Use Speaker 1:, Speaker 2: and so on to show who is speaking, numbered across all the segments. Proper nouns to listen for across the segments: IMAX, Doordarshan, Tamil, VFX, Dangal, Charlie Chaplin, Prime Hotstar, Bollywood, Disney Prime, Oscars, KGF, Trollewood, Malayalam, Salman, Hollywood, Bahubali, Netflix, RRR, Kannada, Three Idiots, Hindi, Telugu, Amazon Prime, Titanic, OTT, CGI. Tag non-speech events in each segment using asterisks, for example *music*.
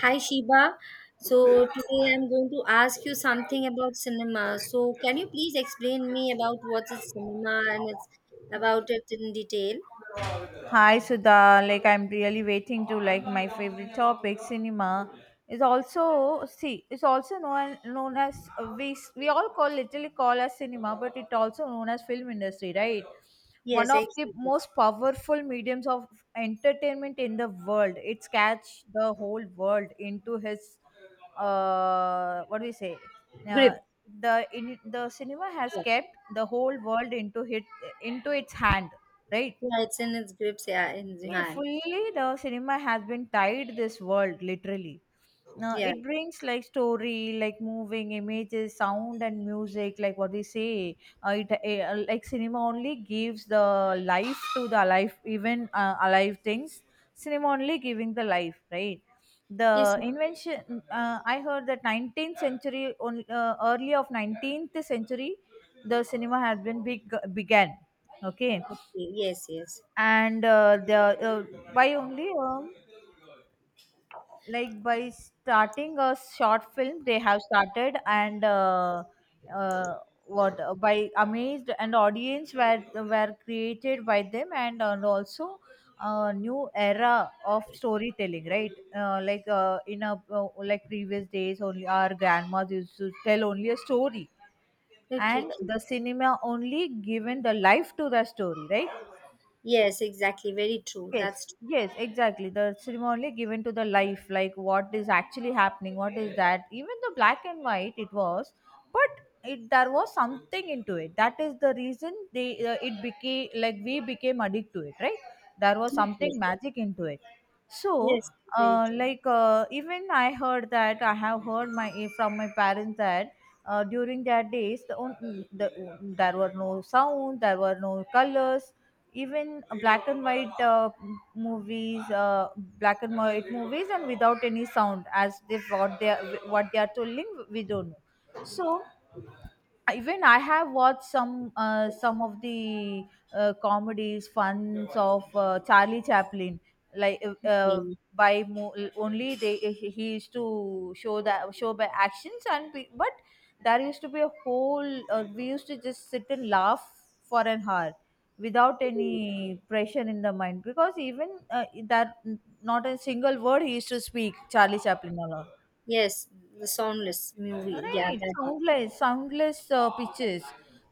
Speaker 1: Hi Shiba. So today I'm going to ask you something about cinema. So can you please explain me about what is cinema and it's about it in detail?
Speaker 2: Hi Sudha, I'm really waiting to my favorite topic, cinema, is also see it's also known as we we all call literally call as cinema, but it also known as film industry, right? One
Speaker 1: Yes,
Speaker 2: of the
Speaker 1: exactly.
Speaker 2: most powerful mediums of entertainment in the world. It's catch the whole world into his what do we say? Uh,
Speaker 1: Grip.
Speaker 2: the in the cinema has
Speaker 1: Yeah.
Speaker 2: kept the whole world into hit into its hand, right?
Speaker 1: Yeah, it's in its grips, yeah, in the
Speaker 2: Yeah,
Speaker 1: hand.
Speaker 2: fully the cinema has been tied this world literally. Now
Speaker 1: Yeah.
Speaker 2: it brings like story, like moving images, sound and music, like what we say. Like cinema only gives the life to the alive, even alive things. Cinema only giving the life, right?
Speaker 1: Yes.
Speaker 2: The
Speaker 1: Yes.
Speaker 2: invention. I heard that 19th century, early of 19th century, the cinema had began. Okay,
Speaker 1: Okay. Yes, yes.
Speaker 2: and the uh, by only like by starting a short film they have started and uh, what by amazed and audience were created by them and also a new era of storytelling, right? Like in a Like previous days only our grandmas used to tell only a story
Speaker 1: Okay,
Speaker 2: and
Speaker 1: okay.
Speaker 2: the cinema only given the life to the story, right?
Speaker 1: Yes, exactly. Very true.
Speaker 2: Yes,
Speaker 1: That's
Speaker 2: yes, exactly. The ceremony given to the life, like what is actually happening, what is that? Even the black and white, it was, but it there was something into it. That is the reason they it became like we became addicted to it, right? There was
Speaker 1: true. Yes,
Speaker 2: something
Speaker 1: yes.
Speaker 2: magic into it. So,
Speaker 1: Yes, very true.
Speaker 2: even I heard that I have heard from my parents that during their days the there were no sound, there were no colors, even black and white movies black and white movies and without any sound. As they what they are telling we don't know, so even I have watched some of the comedies, funs of Charlie Chaplin. Like uh, uh,
Speaker 1: Okay.
Speaker 2: Only they he used to show that show by actions but there used to be a whole we used to just sit and laugh for an hour without any pressure in the mind, because even that not a single word he used to speak. Charlie Chaplin alone.
Speaker 1: Yes, the soundless movie. Yeah,
Speaker 2: Right,
Speaker 1: that one.
Speaker 2: soundless, soundless pitches,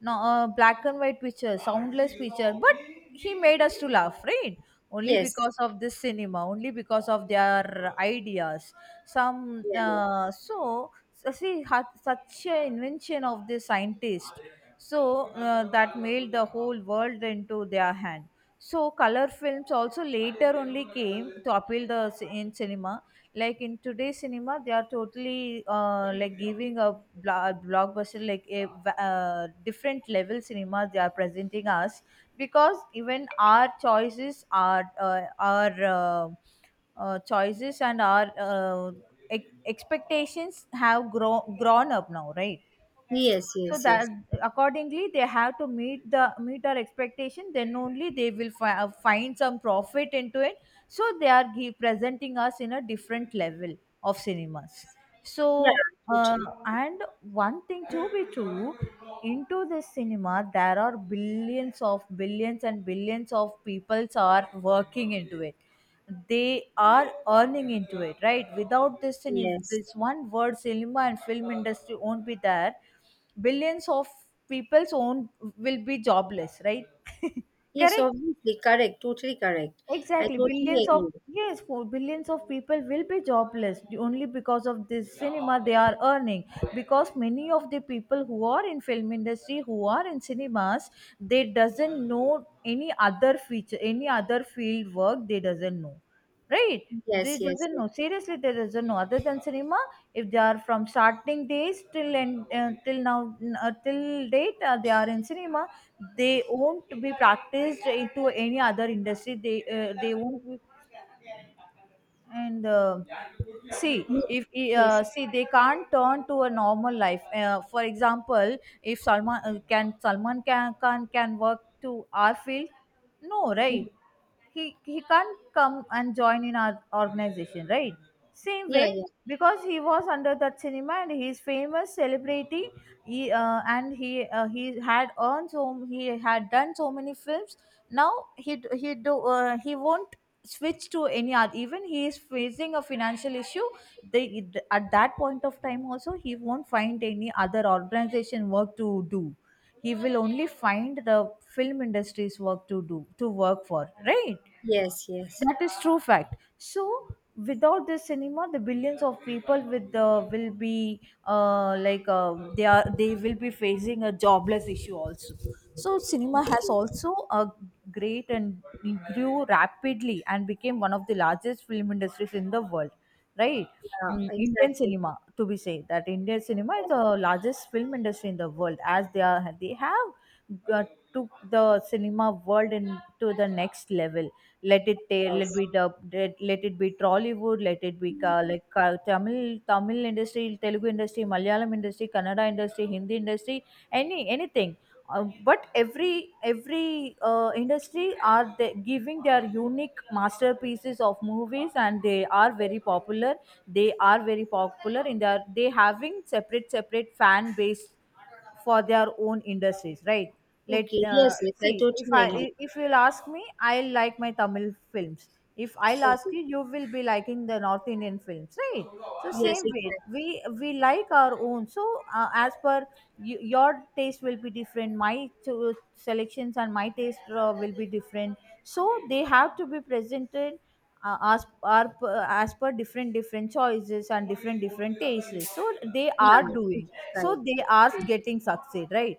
Speaker 2: no, black and white picture, soundless picture. But he made us to laugh, right? Only
Speaker 1: Yes.
Speaker 2: because of this cinema, only because of their ideas. Some
Speaker 1: Yeah, yeah.
Speaker 2: so so See had such a invention of the scientist, so that made the whole world into their hand. So color films also later only came to appeal in cinema. Like in today's cinema they are totally like giving a blockbuster, like different level cinema they are presenting us, because even our choices are our choices and expectations have grown up now, right?
Speaker 1: Yes,
Speaker 2: So
Speaker 1: yes,
Speaker 2: that
Speaker 1: yes.
Speaker 2: accordingly they have to meet our expectation, then only they will find some profit into it, so they are presenting us in a different level of cinemas.
Speaker 1: Yeah,
Speaker 2: So uh,
Speaker 1: totally.
Speaker 2: and one thing to be true, into this cinema there are billions of billions and billions of peoples are working into it, they are earning into it, right? Without this thing, if
Speaker 1: Yes.
Speaker 2: this one word cinema and film industry won't be there, billions of people's own will be jobless, right? *laughs*
Speaker 1: Yes,
Speaker 2: Correct.
Speaker 1: obviously. Correct. Totally correct. I
Speaker 2: Exactly,
Speaker 1: totally
Speaker 2: billions of,
Speaker 1: agree.
Speaker 2: yes, for billions of people will be jobless only because of this cinema they are earning. Because many of the people who are in film industry, who are in cinemas, they doesn't know any other feature, any other field work. They doesn't know. Right. They
Speaker 1: Yes, yes,
Speaker 2: doesn't
Speaker 1: yes.
Speaker 2: know. Seriously, they doesn't know. Other than cinema, if they are from starting days till end, till now, till date, they are in cinema. They won't be practiced into any other industry. They won't be. And see
Speaker 1: Ye-
Speaker 2: if
Speaker 1: Yes.
Speaker 2: see they can't turn to a normal life. For example, if salman can work to our field? No,
Speaker 1: Mm.
Speaker 2: right? He can't come and join in our organization, right? Same
Speaker 1: Yeah,
Speaker 2: way,
Speaker 1: yeah.
Speaker 2: because he was under that cinema and he's famous celebrity. He had earned, so he had done so many films. Now he d- he do he won't switch to any other. Even he is facing a financial issue. They at that point of time also he won't find any other organization work to do, he will only find the film industry's work to do, to work for, right?
Speaker 1: Yes, yes.
Speaker 2: That is true fact. So without this cinema the billions of people with the will be they are they will be facing a jobless issue also. So cinema has
Speaker 1: Okay.
Speaker 2: also a great and grew rapidly and became one of the largest film industries in the world, right?
Speaker 1: Yeah,
Speaker 2: Mm, indian
Speaker 1: exactly.
Speaker 2: cinema, to be said that indian cinema is
Speaker 1: Yes,
Speaker 2: the largest film industry in the world, as they are they have uh, took the cinema world into the next level. Let it let
Speaker 1: yes.
Speaker 2: be dub, let it be Trollywood, let it be Tamil, Tamil industry, Telugu industry, Malayalam industry, Kannada industry, Hindi industry, anything. But every industry are they giving their unique masterpieces of movies, and they are very popular. They are very popular in their, they having separate separate fan base for their own industries, right? let
Speaker 1: Okay. Yes, yes. I
Speaker 2: See if
Speaker 1: totally agree.
Speaker 2: if you'll ask me I'll like my tamil films. If I'll ask
Speaker 1: Okay.
Speaker 2: you, you will be liking the north indian films, right? So
Speaker 1: Yes,
Speaker 2: same way
Speaker 1: exactly.
Speaker 2: we like our own. So as per you, your taste will be different, selections and my taste will be different. So they have to be presented as per different different choices and different different tastes, so they
Speaker 1: Yeah,
Speaker 2: are
Speaker 1: totally
Speaker 2: doing, so
Speaker 1: correct.
Speaker 2: they are getting succeed, right?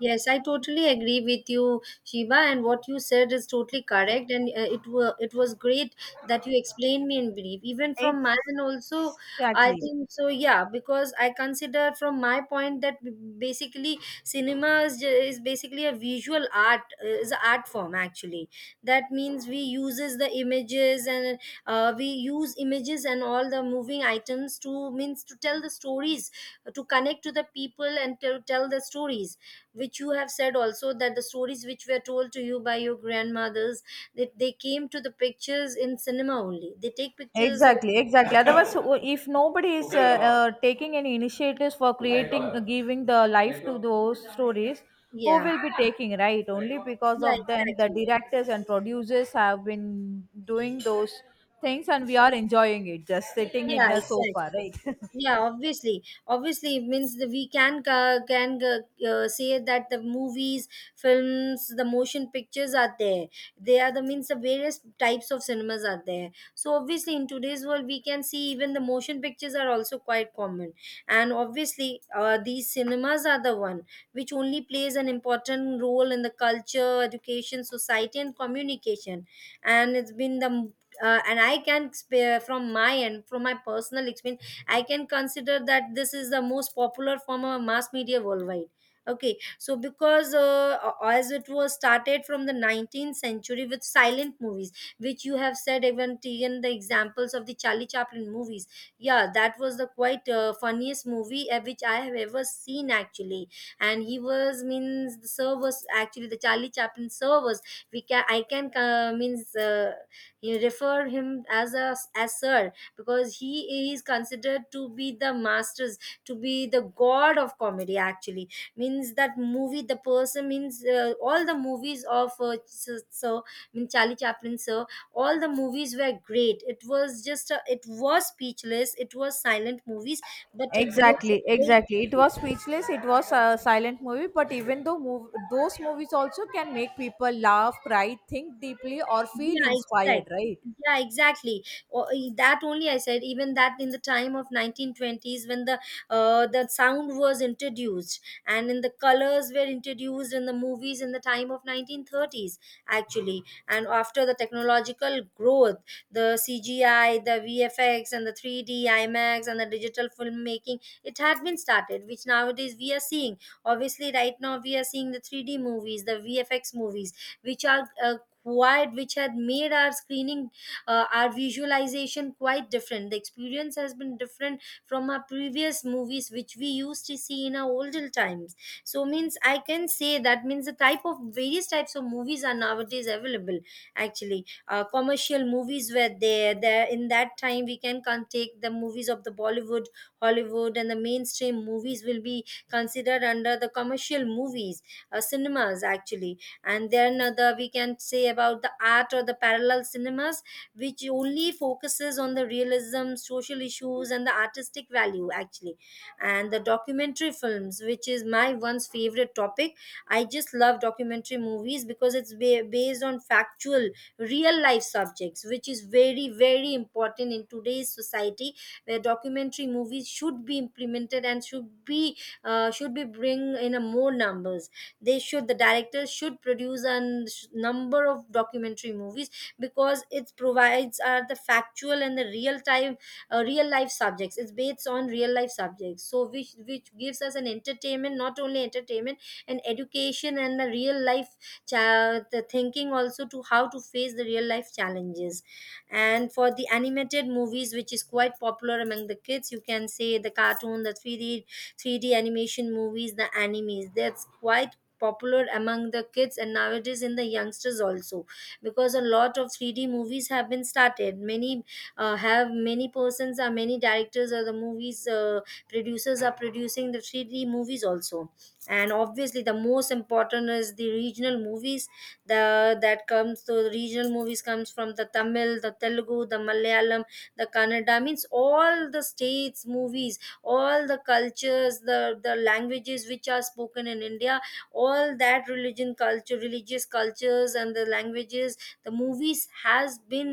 Speaker 1: Yes, I totally agree with you, Shiva, and what you said is totally correct. And it was great that you explained me in brief, even from my and also I
Speaker 2: Exactly.
Speaker 1: think so. Yeah, because I consider from my point that basically cinema is basically a visual art, is an art form actually. That means we uses the images and, we use images and all the moving items to means to tell the stories, to connect to the people and to tell the stories which you have said also, that the stories which were told to you by your grandmothers, that they came to the pictures in cinema only. They take pictures in,
Speaker 2: Exactly, exactly. Otherwise, *coughs* if nobody is taking any initiatives for creating, giving the life to those stories, who
Speaker 1: yeah,
Speaker 2: will be taking, right? Only because
Speaker 1: yeah,
Speaker 2: of them, the
Speaker 1: exactly.
Speaker 2: directors and producers have been doing those things, and we are enjoying it, just sitting in
Speaker 1: Yeah,
Speaker 2: the
Speaker 1: exactly.
Speaker 2: sofa, right? *laughs*
Speaker 1: Yeah, obviously, obviously it means that we can say that the movies, films, the motion pictures are there. They are the means the various types of cinemas are there. So obviously, in today's world, we can see even the motion pictures are also quite common. And obviously, these cinemas are the one which only plays an important role in the culture, education, society, and communication. And it's been the and I can spare from my end, from my personal experience, I can consider that this is the most popular form of mass media worldwide. Okay, so because as it was started from the 19th century with silent movies, which you have said, even taken the examples of the Charlie Chaplin movies. Yeah, that was the quite funniest movie, which I have ever seen, actually. And he was means the sir was actually the Charlie Chaplin sir was, we can I can, means he refer him as a as sir, because he is considered to be the masters, to be the god of comedy, actually. Means that movie, the person, means, all the movies of, so mean Charlie Chaplin sir, all the movies were great. It was just it was speechless, it was silent movies, but it was a
Speaker 2: Exactly,
Speaker 1: great
Speaker 2: exactly. It
Speaker 1: movie.
Speaker 2: was speechless. It was a silent movie, but even though those movies also can make people laugh, cry, think deeply, or feel
Speaker 1: Yeah,
Speaker 2: inspired,
Speaker 1: exactly.
Speaker 2: right?
Speaker 1: Yeah, exactly. That only I said. Even that in the time of 1920s, when the sound was introduced, and in the colors were introduced in the movies in the time of 1930s, actually. And after the technological growth, the CGI, the VFX, and the 3D IMAX, and the digital filmmaking, it had been started, which nowadays we are seeing. Obviously, right now we are seeing the 3D movies, the VFX movies, which are quite, which had made our screening, our visualization quite different. The experience has been different from our previous movies, which we used to see in our older times. So means I can say that means the type of various types of movies are nowadays available, actually. Commercial movies were there. There in that time we can take the movies of the Bollywood, Hollywood, and the mainstream movies will be considered under the commercial movies, cinemas, actually. And then the we can say about the art or the parallel cinemas, which only focuses on the realism, social issues, and the artistic value, actually. And the documentary films, which is my one's favorite topic. I just love documentary movies because it's based on factual, real life subjects, which is very very important in today's society, where documentary movies should be implemented and should be, should be bring in a more numbers. They should, the directors should produce a number of documentary movies, because it provides are the factual and the real time, real life subjects. It's based on real life subjects, so which gives us an entertainment, not only entertainment and education, and the real life the thinking also, to how to face the real life challenges. And for the animated movies which is quite popular among the kids, you can say the cartoon, the 3D animation movies, the animes. That's quite popular among the kids and nowadays in the youngsters also, because a lot of 3D movies have been started. Many have many persons or many directors, or the movies producers are producing the 3D movies also. And obviously the most important is the regional movies. The, that comes to the regional movies, comes from the Tamil, the Telugu, the Malayalam, the Kannada, means all the states movies, all the cultures, the languages which are spoken in India, all that religion culture, religious cultures, and the languages, the movies has been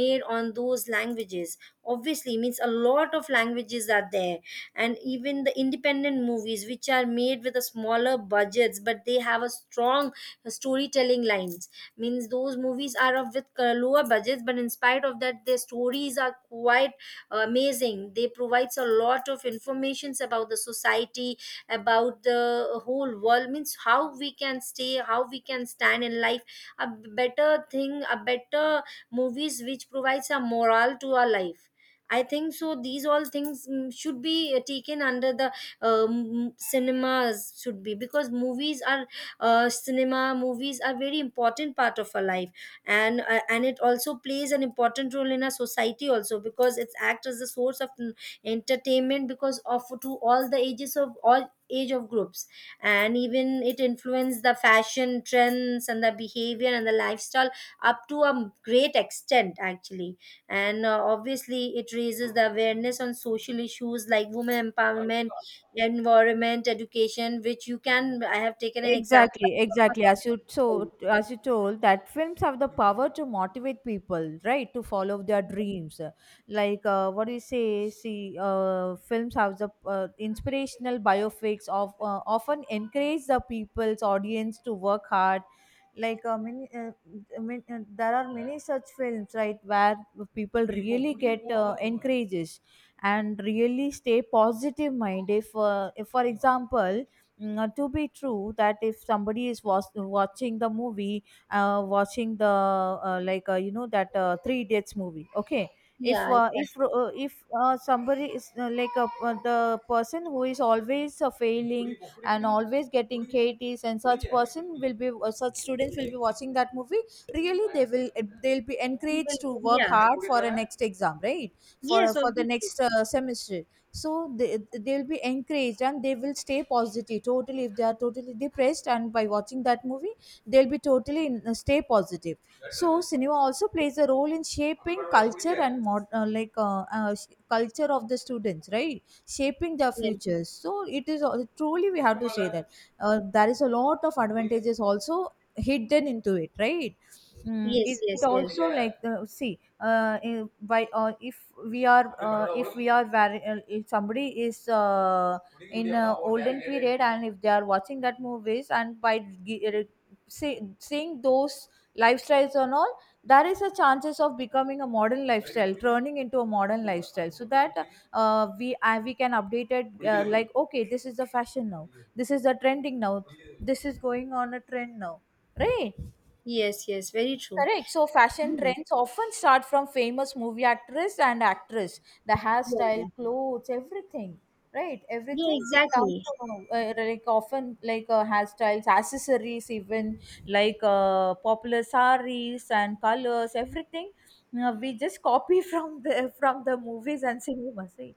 Speaker 1: made on those languages. Obviously means a lot of languages are there. And even the independent movies, which are made with a smaller budgets, but they have a strong storytelling lines. Means those movies are of with lower budgets, but in spite of that their stories are quite amazing. They provides a lot of informations about the society, about the whole world. Means how we can stay, how we can stand in life, a better thing, a better movies which provides a morale to our life. I think so these all things, mm, should be taken under the, cinemas should be, because movies are, cinema movies are very important part of our life. And and it also plays an important role in our society also, because it's act as a source of, mm, entertainment, because of to all the ages of all age of groups. And even it influenced the fashion trends and the behavior and the lifestyle up to a great extent, actually. And obviously it raises the awareness on social issues like women empowerment, environment, education, which you can, I have taken an example.
Speaker 2: Exactly, exactly. As you told that films have the power to motivate people, right, to follow their dreams. Like what do you say? See, films have the inspirational biopics of often encourage the people's audience to work hard. Like uh, many, uh, there are many such films, right, where people really get encourages and really stay positive minded. If for example to be true that if somebody is was watching the movie, watching the you know that three idiots movie, okay?
Speaker 1: Yeah, exactly.
Speaker 2: If somebody is the person who is always failing and always getting KTs, and such person will be such students will be watching that movie, really they will they'll be
Speaker 1: Well,
Speaker 2: encouraged to work
Speaker 1: yeah.
Speaker 2: hard for a next exam, right? For
Speaker 1: Yes,
Speaker 2: for the
Speaker 1: obviously.
Speaker 2: next semester. So they, they'll be encouraged and they will stay positive totally. If they are totally depressed and by watching that movie they'll be totally, in, stay positive. So cinema also plays a role in shaping culture and culture of the students, right, shaping their
Speaker 1: Yes.
Speaker 2: futures. So it is truly we have to say that there is a lot of advantages also hidden into it, right? Mm,
Speaker 1: Yes,
Speaker 2: it
Speaker 1: yes, yes.
Speaker 2: also like the see I- by if we are very if somebody is in a olden period and if they are watching that movies and see, seeing those lifestyles and all, there is a chances of becoming a modern lifestyle, turning into a modern lifestyle, so that we can update it, like okay, this is the fashion now, this is the trending now, this is going on a trend now, right?
Speaker 1: Yes, yes. Very true.
Speaker 2: Correct. So fashion
Speaker 1: Yeah.
Speaker 2: trends often start from famous movie actress and actress. The
Speaker 1: Yeah. Yeah.
Speaker 2: hairstyle, clothes, everything. Right.
Speaker 1: Yeah,
Speaker 2: Everything becomes
Speaker 1: exactly.
Speaker 2: from like often like hairstyles, accessories, even popular saris and colors. Everything we just copy *laughs* from the movies and cinemas, right?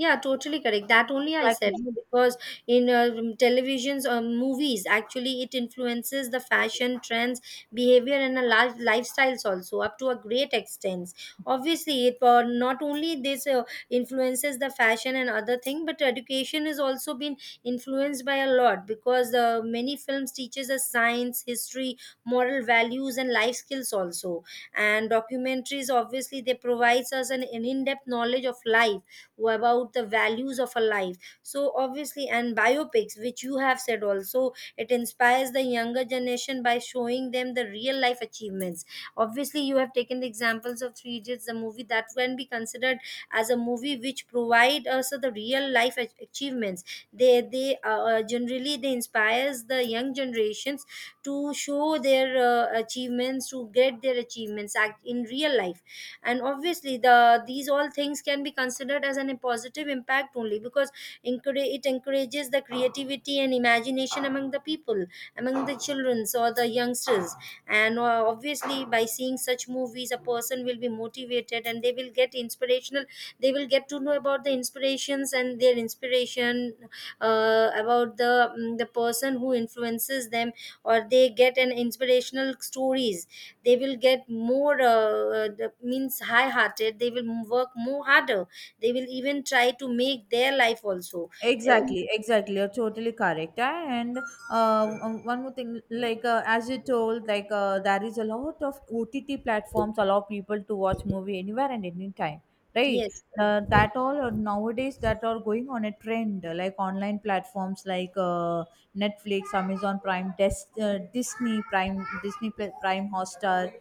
Speaker 1: Yeah, totally correct. That only I said,
Speaker 2: Exactly.
Speaker 1: no, because in, televisions or movies, actually, it influences the fashion trends, behavior, and a life lifestyles also up to a great extent. Obviously, it, not only this, influences the fashion and other thing, but education has also been influenced by a lot, because many films teaches us science, history, moral values, and life skills also. And documentaries, obviously, they provides us an in depth knowledge of life, about the values of a life. So obviously, and biopics, which you have said also, it inspires the younger generation by showing them the real life achievements. Obviously you have taken the examples of three idiots, the movie, that can be considered as a movie which provide us the real life achievements. They generally they inspires the young generations to show their achievements, to get their achievements act in real life. And obviously the these all things can be considered as an a positive impact, only because it encourages the creativity and imagination among the people, among the children or the youngsters. And obviously by seeing such movies a person will be motivated, and they will get inspirational, they will get to know about the inspirations and their inspiration, about the, mm, the person who influences them, or they get an inspirational stories. They will get more, the, means high hearted, they will work more harder. They will even try to make their life also. Uh,
Speaker 2: Exactly, exactly. You're totally correct. And one more thing, like as you told, like there is a lot of OTT platforms allow people to watch movie anywhere and anytime, right?
Speaker 1: yes, yes,
Speaker 2: That all are nowadays that are going on a trend, like online platforms like Netflix, Amazon Prime, Disney Prime, Prime Hotstar,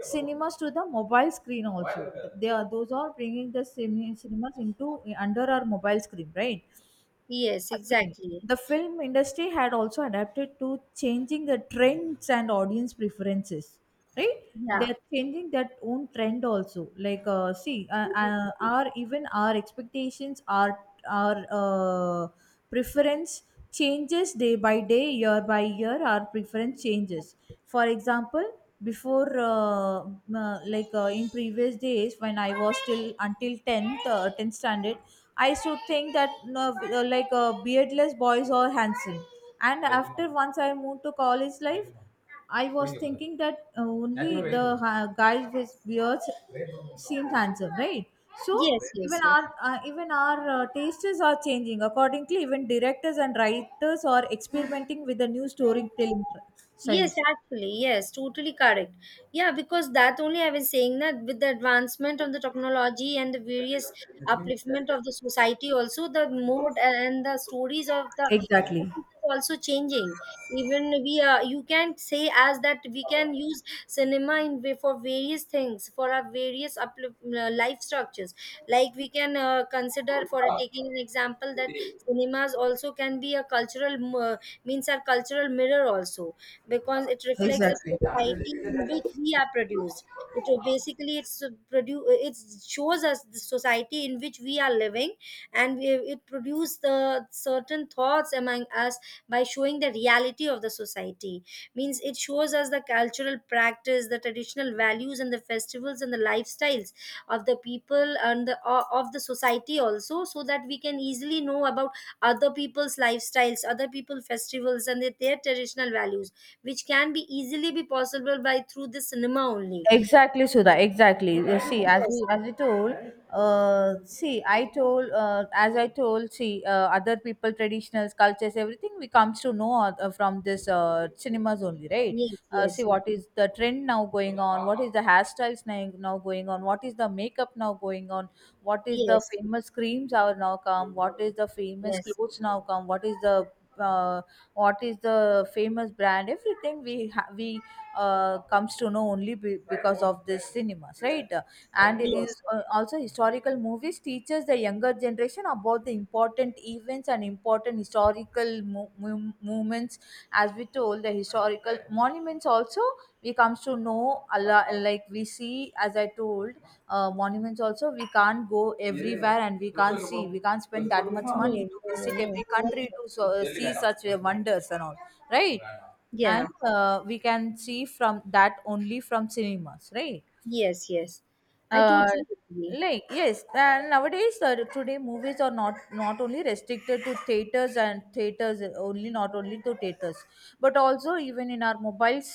Speaker 2: cinemas to the mobile screen also. They are those are bringing the cinemas into under our mobile screen, right?
Speaker 1: yes,
Speaker 2: Screen.
Speaker 1: exactly.
Speaker 2: The film industry had also adapted to changing the trends and audience preferences, right?
Speaker 1: Yeah,
Speaker 2: They're changing that own trend also like see our even our expectations our preference changes day by day, year by year, our preference changes. For example, before like in previous days when I was still until 10th standard, I used to think that no, like beardless boys are handsome, and after once I moved to college life, I was thinking that only the guys with beards seemed handsome, right? So
Speaker 1: yes, yes,
Speaker 2: even
Speaker 1: yes.
Speaker 2: our tastes are changing accordingly. Even directors and writers are experimenting with the new
Speaker 1: Yes,
Speaker 2: styles.
Speaker 1: actually, yes, totally correct. Yeah, because that only I was saying that with the advancement of the technology and the various upliftment of the society, also the mode and the stories of the
Speaker 2: Exactly,
Speaker 1: movies is also changing. Even we are, you can say as that we can use cinema in way for various things for our various uplift, life structures. Like we can consider for taking an example, that cinemas also can be a cultural means our cultural mirror also, because it reflects the
Speaker 2: exactly.
Speaker 1: society in which we are produced. It basically, it's produce, it shows us the society in which we are living, and we, it produces the certain thoughts among us by showing the reality of the society. Means it shows us the cultural practice, the traditional values, and the festivals and the lifestyles of the people and of the society also, so that we can easily know about other people's lifestyles, other people's festivals, and their traditional values which can be easily be possible by through the cinema only.
Speaker 2: Exactly, Sudha. Exactly. You see, as
Speaker 1: Yes,
Speaker 2: we as we told, as I told, see, other people, traditionals, cultures, everything we comes to know from this cinemas only, right?
Speaker 1: yes,
Speaker 2: See,
Speaker 1: yes,
Speaker 2: what is the trend now going on? What is the hairstyles now going on? What is the makeup now going on? What is the
Speaker 1: yes,
Speaker 2: famous creams are now come? What is the famous
Speaker 1: yes,
Speaker 2: clothes now come? Uh, what is the famous brand, everything we comes to know only because of this cinemas, right? And
Speaker 1: yes.
Speaker 2: is also historical movies teaches the younger generation about the important events and important historical movements. As we told, the historical monuments also we comes to know a lot, like we see, as I told, monuments also we can't go everywhere and we can't see, we can't spend that much money
Speaker 1: No,
Speaker 2: to
Speaker 1: no, no,
Speaker 2: visit
Speaker 1: no,
Speaker 2: every
Speaker 1: not
Speaker 2: country to
Speaker 1: true.
Speaker 2: so, see such wonders and all, right? And
Speaker 1: Yeah,
Speaker 2: we can see from that only, from cinemas, right?
Speaker 1: yes, yes. I
Speaker 2: uh,
Speaker 1: totally agree.
Speaker 2: yes, and nowadays today movies are not only restricted to theaters and theaters only, not only to theaters, but also even in our mobiles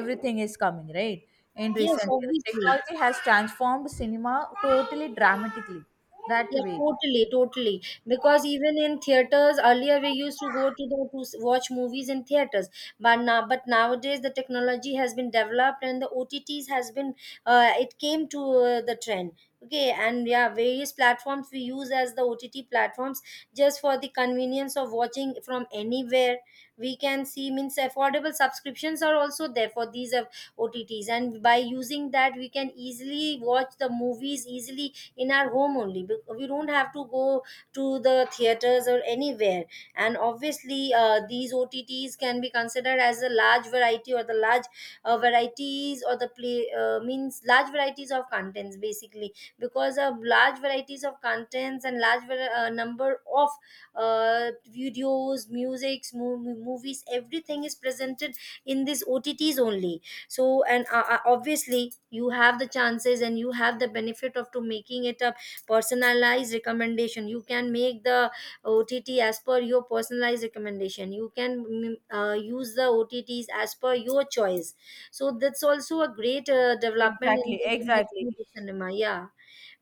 Speaker 2: everything is coming, right? In
Speaker 1: Yes,
Speaker 2: recent years
Speaker 1: obviously.
Speaker 2: technology has transformed cinema totally dramatically that
Speaker 1: Yeah,
Speaker 2: way.
Speaker 1: totally, totally. Because even in theaters, earlier we used to go to watch movies in theaters, but nowadays the technology has been developed and the OTTs has been, it came to the trend. Okay, and yeah, various platforms we use as the OTT platforms just for the convenience of watching from anywhere. We can see means affordable subscriptions are also there for these OTTs, and by using that we can easily watch the movies easily in our home only. We don't have to go to the theaters or anywhere, and obviously these otts can be considered as a large variety or the large varieties or the play means large varieties of contents, basically because of large varieties of contents and number of videos, musics, movies, everything is presented in these otts only. So and obviously you have the chances and you have the benefit of to making it a personalized recommendation. You can make the OTT as per your personalized recommendation. You can use the O T T's as per your choice. So that's also a great development in
Speaker 2: Exactly,
Speaker 1: the industry
Speaker 2: exactly.
Speaker 1: of cinema. Yeah,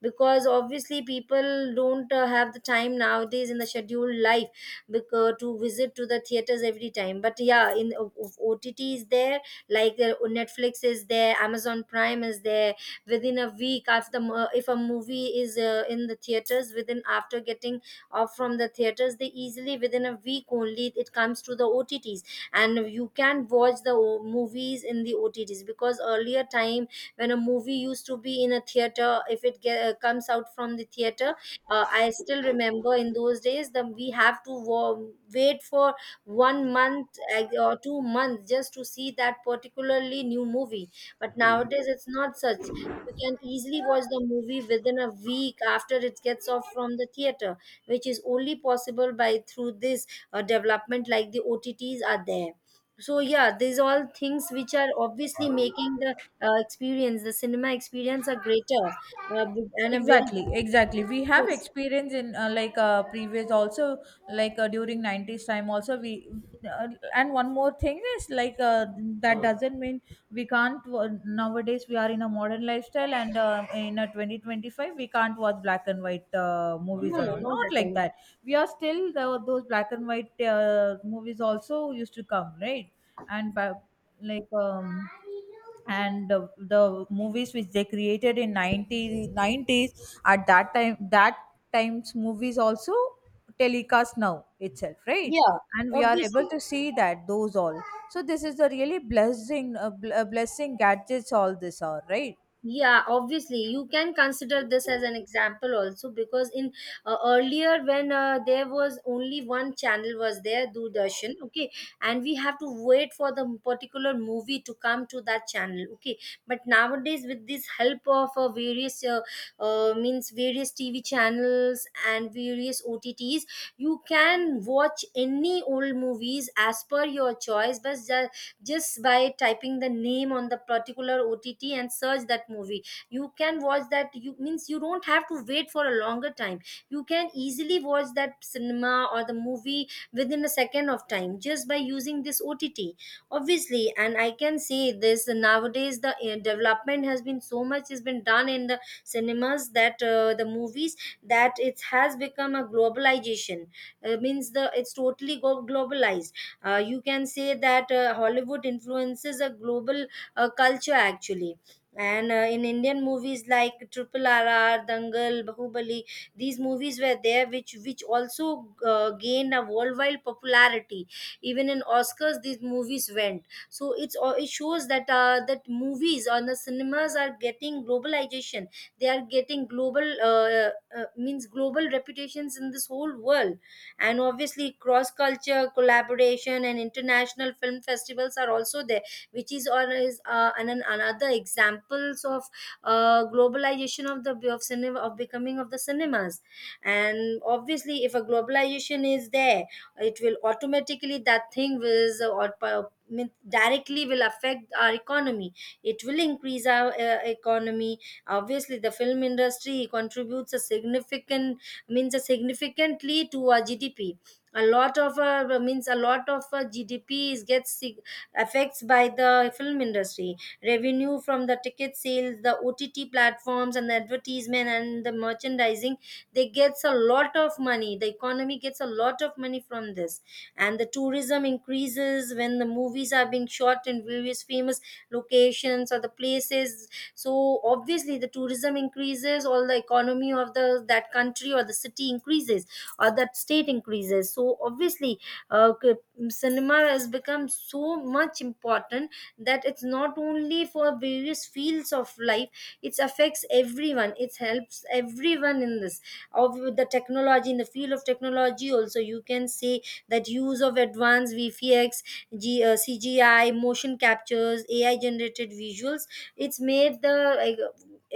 Speaker 1: because obviously people don't have the time nowadays in the scheduled life because to visit to the theaters every time. But yeah, in OTT is there, like netflix is there, amazon prime is there. Within a week after the if a movie is in the theaters, within after getting off from the theaters, they easily within a week only it comes to the otts, and you can watch the movies in the otts. Because earlier time, when a movie used to be in a theater, if it comes out from the theater, I still remember in those days that we have to wait for 1 month, or 2 months just to see that particularly new movie. But nowadays it's not such. You can easily watch the movie within a week after it gets off from the theater, which is only possible by through this development, like the otts are there. So yeah, these all things which are obviously making the experience, the cinema experience, a greater uh, and a very
Speaker 2: Exactly, exactly, we have
Speaker 1: yes.
Speaker 2: experience in previous also, like during 90s time also we uh, and one more thing is like that doesn't mean we can't wo- nowadays we are in a modern lifestyle and in a 2025 we can't watch black and white movies
Speaker 1: No,
Speaker 2: and
Speaker 1: no,
Speaker 2: all,
Speaker 1: not
Speaker 2: not
Speaker 1: at
Speaker 2: like
Speaker 1: all.
Speaker 2: that. We are still those black and white movies also used to come, right? And ba- like um and the movies which they created in 90, 90s, at that time, that times movies also telecast now itself, right?
Speaker 1: Yeah,
Speaker 2: And we are able
Speaker 1: obviously.
Speaker 2: to see that those all. So this is the really blessing gadgets all this are, right?
Speaker 1: Yeah, obviously you can consider this as an example also because in earlier when there was only one channel was there, doordarshan. Okay, and we have to wait for the particular movie to come to that channel. Okay, but nowadays with this help of various means various tv channels and various otts, you can watch any old movies as per your choice, but just by typing the name on the particular ott and search that movie, you can watch that. You means you don't have to wait for a longer time, you can easily watch that cinema or the movie within a second of time just by using this ott. Obviously, and I can say this nowadays the development has been so much has been done in the cinemas that the movies that it has become a globalization. Means the it's globalized. You can say that Hollywood influences a global culture actually. And in Indian movies like Triple R*, R, Dangal, Bahubali, these movies were there, which also gained a worldwide popularity. Even in Oscars, these movies went. So it's it shows that that movies on the cinemas are getting globalization. They are getting global means global reputations in this whole world. And obviously cross culture collaboration and international film festivals are also there, which is or is another examples of globalization of the of cinema of becoming of the cinemas. And obviously if a globalization is there, it will automatically that thing will or pa- mean- directly will affect our economy. It will increase our economy. Obviously the film industry contributes a significant means significantly to our GDP. A lot of means a lot of GDP is affects by the film industry. Revenue from the ticket sales, the OTT platforms, and the advertisement and the merchandising, they gets a lot of money. The economy gets a lot of money from this, and the tourism increases when the movies are being shot in various famous locations or the places. So obviously the tourism increases, all the economy of the that country or the city increases or that state increases. So obviously uh, c- cinema has become so much important that it's not only for various fields of life, it affects everyone, it helps everyone in this of the technology. In the field of technology also you can say that use of advanced vfx, cgi, motion captures, ai generated visuals, it's made the like,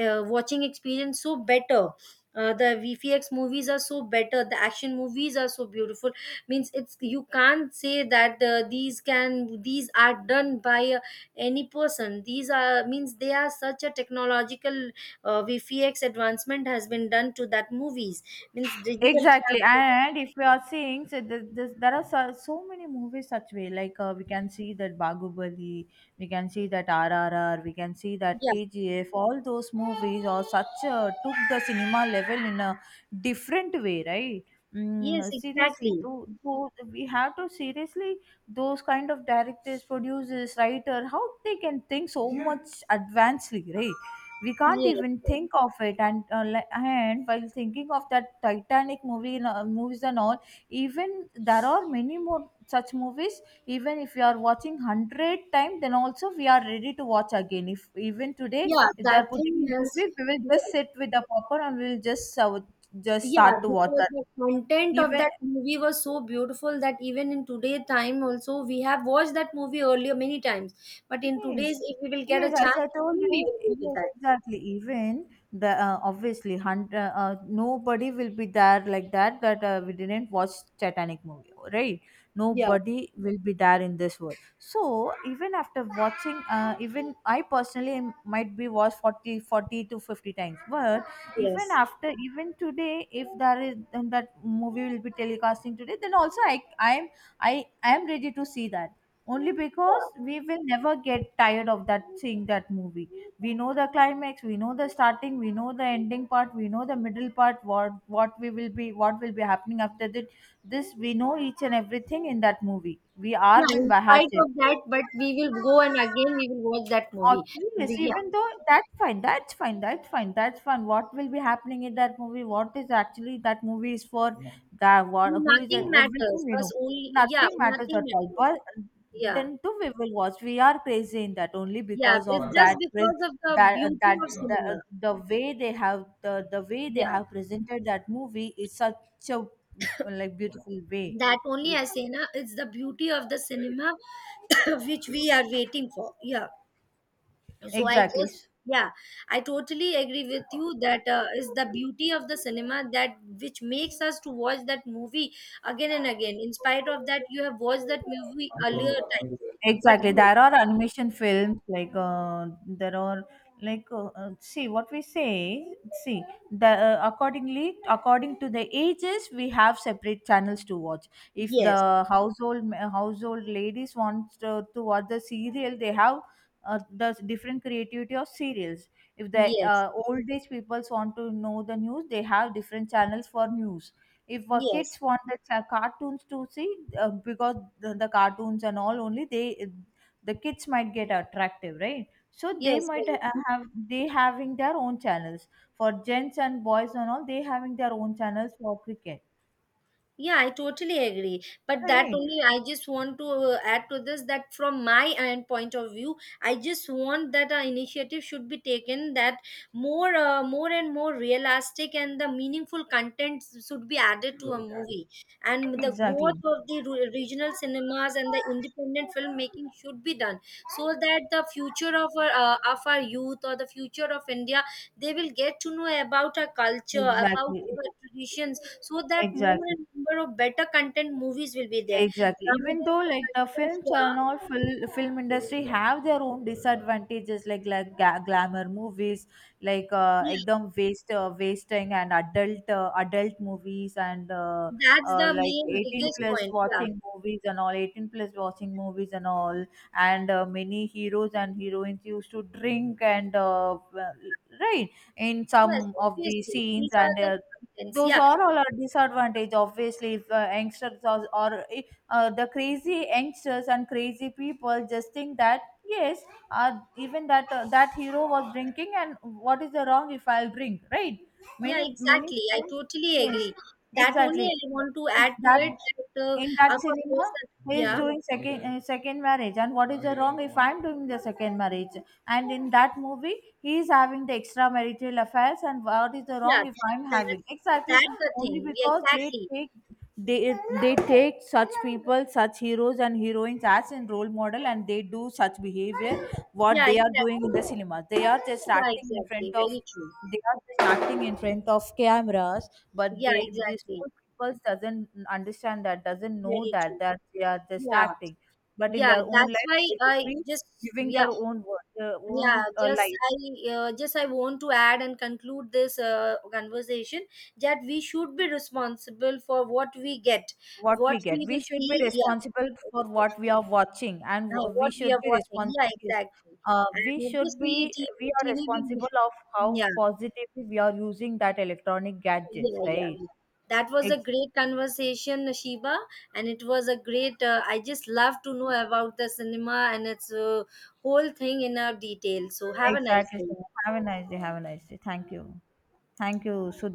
Speaker 1: uh, watching experience so better. The vfx movies are so better, the action movies are so beautiful. Means it's you can't say that these can these are done by any person, these are means they are such a technological vfx advancement has been done to that movies, means digital
Speaker 2: Exactly,
Speaker 1: camera.
Speaker 2: and if we are seeing, so there are so many movies such way. Like we can see that Bahubali, we can see that RRR, we can see that
Speaker 1: Yeah,
Speaker 2: KGF. All those movies are such took the cinema level in a different way, right?
Speaker 1: yes,
Speaker 2: Mm, seriously,
Speaker 1: exactly,
Speaker 2: to we have to seriously those kind of directors, producers, writer, how they can think so much advancedly, right? We can't
Speaker 1: yes,
Speaker 2: even
Speaker 1: yes.
Speaker 2: think of it. And and while thinking of that Titanic movie and, movies and all, even there are many more such movies. Even if you are watching 100 times, then also we are ready to watch again. If even today
Speaker 1: Yeah,
Speaker 2: if they
Speaker 1: that
Speaker 2: are
Speaker 1: thing
Speaker 2: putting in
Speaker 1: has.
Speaker 2: TV, we will just
Speaker 1: Yeah.
Speaker 2: sit with the popcorn and we will just start
Speaker 1: Yeah,
Speaker 2: to watch
Speaker 1: because
Speaker 2: that.
Speaker 1: the content of
Speaker 2: Even
Speaker 1: that movie was so beautiful that even in today time also we have watched that movie earlier many times. But in
Speaker 2: yes,
Speaker 1: today's, if we will get a
Speaker 2: yes. As
Speaker 1: chance,
Speaker 2: I told
Speaker 1: again
Speaker 2: you,
Speaker 1: we will go with
Speaker 2: yes,
Speaker 1: that.
Speaker 2: exactly. Even the obviously, nobody will be there like that, that we didn't watch Titanic movie, right?
Speaker 1: Yeah,
Speaker 2: Nobody will be there in this world. So even after watching, even I personally might be watched 40, 40 to 50 times. But even
Speaker 1: yes.
Speaker 2: after, even today, if there is and that movie will be telecasting today, then also I'm, I am ready to see that, only because
Speaker 1: Yeah,
Speaker 2: we will never get tired of that, seeing that movie. We know the climax, we know the starting, we know the ending part, we know the middle part, what we will be, what will be happening after that. This we know each and everything in that movie. We are
Speaker 1: yeah.
Speaker 2: been
Speaker 1: In spite
Speaker 2: bahate.
Speaker 1: of that, but we will go and again we will watch that movie.
Speaker 2: Okay, yes,
Speaker 1: Yeah,
Speaker 2: even though that's fine. What will be happening in that movie? What is actually that movie is for? That, what, who is
Speaker 1: nothing
Speaker 2: that. Yeah, everything
Speaker 1: matters.
Speaker 2: we
Speaker 1: Us
Speaker 2: know.
Speaker 1: only. Yeah,
Speaker 2: Nothing matters
Speaker 1: nothing
Speaker 2: at all,
Speaker 1: matters.
Speaker 2: but
Speaker 1: Yeah,
Speaker 2: then too we will watch, we are crazy in that, only
Speaker 1: yeah.
Speaker 2: because
Speaker 1: It's
Speaker 2: of
Speaker 1: just
Speaker 2: that
Speaker 1: because of the
Speaker 2: that
Speaker 1: beauty of cinema.
Speaker 2: the way they have, the way they
Speaker 1: Yeah,
Speaker 2: have presented that movie is such a like beautiful way.
Speaker 1: that only I say na. It's the beauty of the cinema *coughs* *clears throat* which we are waiting for, yeah. So I
Speaker 2: Exactly.
Speaker 1: just, yeah, I totally agree with you that is the beauty of the cinema that which makes us to watch that movie again and again in spite of that you have watched that movie earlier time. But
Speaker 2: Exactly.
Speaker 1: no.
Speaker 2: There are animation films like there are like see what we say. See the accordingly, according to the ages, we have separate channels to watch. If
Speaker 1: Yes,
Speaker 2: the household ladies want to watch the serial, they have the different creativity of serials. If the
Speaker 1: yes,
Speaker 2: old age peoples want to know the news, they have different channels for news. If
Speaker 1: yes,
Speaker 2: kids want the cartoons to see, because the cartoons and all only they, the kids might get attractive, right? So they
Speaker 1: yes,
Speaker 2: might
Speaker 1: very true.
Speaker 2: have, they having their own channels for gents and boys and all. They having their own channels for cricket,
Speaker 1: Yeah, I totally agree. But that
Speaker 2: right?
Speaker 1: only, I just want to add to this that from my end point of view, I just want that an initiative should be taken that more and more realistic and the meaningful content should be added to a movie. And the growth
Speaker 2: Exactly,
Speaker 1: of the regional cinemas and the independent filmmaking should be done so that the future of our youth or the future of India, they will get to know about our culture, about
Speaker 2: exactly,
Speaker 1: our traditions so that more
Speaker 2: exactly.
Speaker 1: and number of better content movies will be there.
Speaker 2: Exactly. Even
Speaker 1: Nowadays,
Speaker 2: though
Speaker 1: the
Speaker 2: like the
Speaker 1: contents,
Speaker 2: films
Speaker 1: yeah,
Speaker 2: and all film industry have their own disadvantages, like like glamour movies, like
Speaker 1: yeah,
Speaker 2: ekdam waste, wasting and adult movies and
Speaker 1: that's the
Speaker 2: like
Speaker 1: main
Speaker 2: 18
Speaker 1: biggest
Speaker 2: plus
Speaker 1: point. Yeah,
Speaker 2: watching movies and all, 18 plus watching movies and all, and many heroes and heroines used to drink and well, right, in
Speaker 1: yes,
Speaker 2: some of the
Speaker 1: obviously,
Speaker 2: scenes
Speaker 1: these are
Speaker 2: and.
Speaker 1: the contents.
Speaker 2: Those
Speaker 1: Yeah,
Speaker 2: are all a disadvantage, obviously. If youngsters are the crazy youngsters and crazy people just think that yes, even that that hero was drinking and what is the wrong if I'll drink, right?
Speaker 1: yeah,
Speaker 2: Many, many
Speaker 1: exactly. I
Speaker 2: students,
Speaker 1: totally
Speaker 2: yes,
Speaker 1: agree. That only
Speaker 2: exactly,
Speaker 1: I want to
Speaker 2: if
Speaker 1: add to
Speaker 2: that
Speaker 1: it that
Speaker 2: in
Speaker 1: of
Speaker 2: that cinema
Speaker 1: course, person,
Speaker 2: he is
Speaker 1: yeah,
Speaker 2: doing second marriage and what is the wrong if I'm doing the second marriage, and in that movie he is having the extramarital affairs and what is the
Speaker 1: yeah,
Speaker 2: wrong if I'm
Speaker 1: that
Speaker 2: having, exactly.
Speaker 1: that's the
Speaker 2: Only
Speaker 1: thing. Yeah,
Speaker 2: because they
Speaker 1: exactly.
Speaker 2: take, they they take such people, such heroes and heroines as in role model, and they do such behavior. What
Speaker 1: Yeah,
Speaker 2: they are doing in
Speaker 1: exactly.
Speaker 2: the cinema, they are just
Speaker 1: Yeah,
Speaker 2: acting in
Speaker 1: exactly.
Speaker 2: front of,
Speaker 1: Very true.
Speaker 2: they are just acting in front of cameras, but
Speaker 1: Yeah,
Speaker 2: they, these
Speaker 1: exactly.
Speaker 2: poor people doesn't understand that, doesn't know
Speaker 1: Very
Speaker 2: that,
Speaker 1: true.
Speaker 2: that they are just
Speaker 1: Yeah,
Speaker 2: acting, but in
Speaker 1: yeah.
Speaker 2: their own
Speaker 1: That's
Speaker 2: life
Speaker 1: why
Speaker 2: they will
Speaker 1: I
Speaker 2: be
Speaker 1: just,
Speaker 2: living
Speaker 1: yeah.
Speaker 2: their own their
Speaker 1: Yeah,
Speaker 2: own life.
Speaker 1: just I want to add and conclude this conversation that we should be responsible for what we get,
Speaker 2: What
Speaker 1: what
Speaker 2: we get.
Speaker 1: we
Speaker 2: We
Speaker 1: will
Speaker 2: should
Speaker 1: see,
Speaker 2: be
Speaker 1: yeah.
Speaker 2: responsible for
Speaker 1: *laughs*
Speaker 2: what we are watching, and we
Speaker 1: What we
Speaker 2: should
Speaker 1: are
Speaker 2: be
Speaker 1: watching,
Speaker 2: responsible.
Speaker 1: yeah, exactly.
Speaker 2: We
Speaker 1: And
Speaker 2: should
Speaker 1: obviously
Speaker 2: be we are
Speaker 1: Tv will be,
Speaker 2: responsible of how
Speaker 1: yeah,
Speaker 2: positively we are using that electronic gadgets,
Speaker 1: yeah, yeah,
Speaker 2: right?
Speaker 1: yeah. That was a
Speaker 2: Ex-
Speaker 1: great conversation, shiba, and it was a great I just love to know about the cinema and its whole thing in our detail. So have a nice
Speaker 2: exactly.
Speaker 1: day.
Speaker 2: Sneha. Have a nice day. Have a nice day. Thank you. Thank you, Sudha.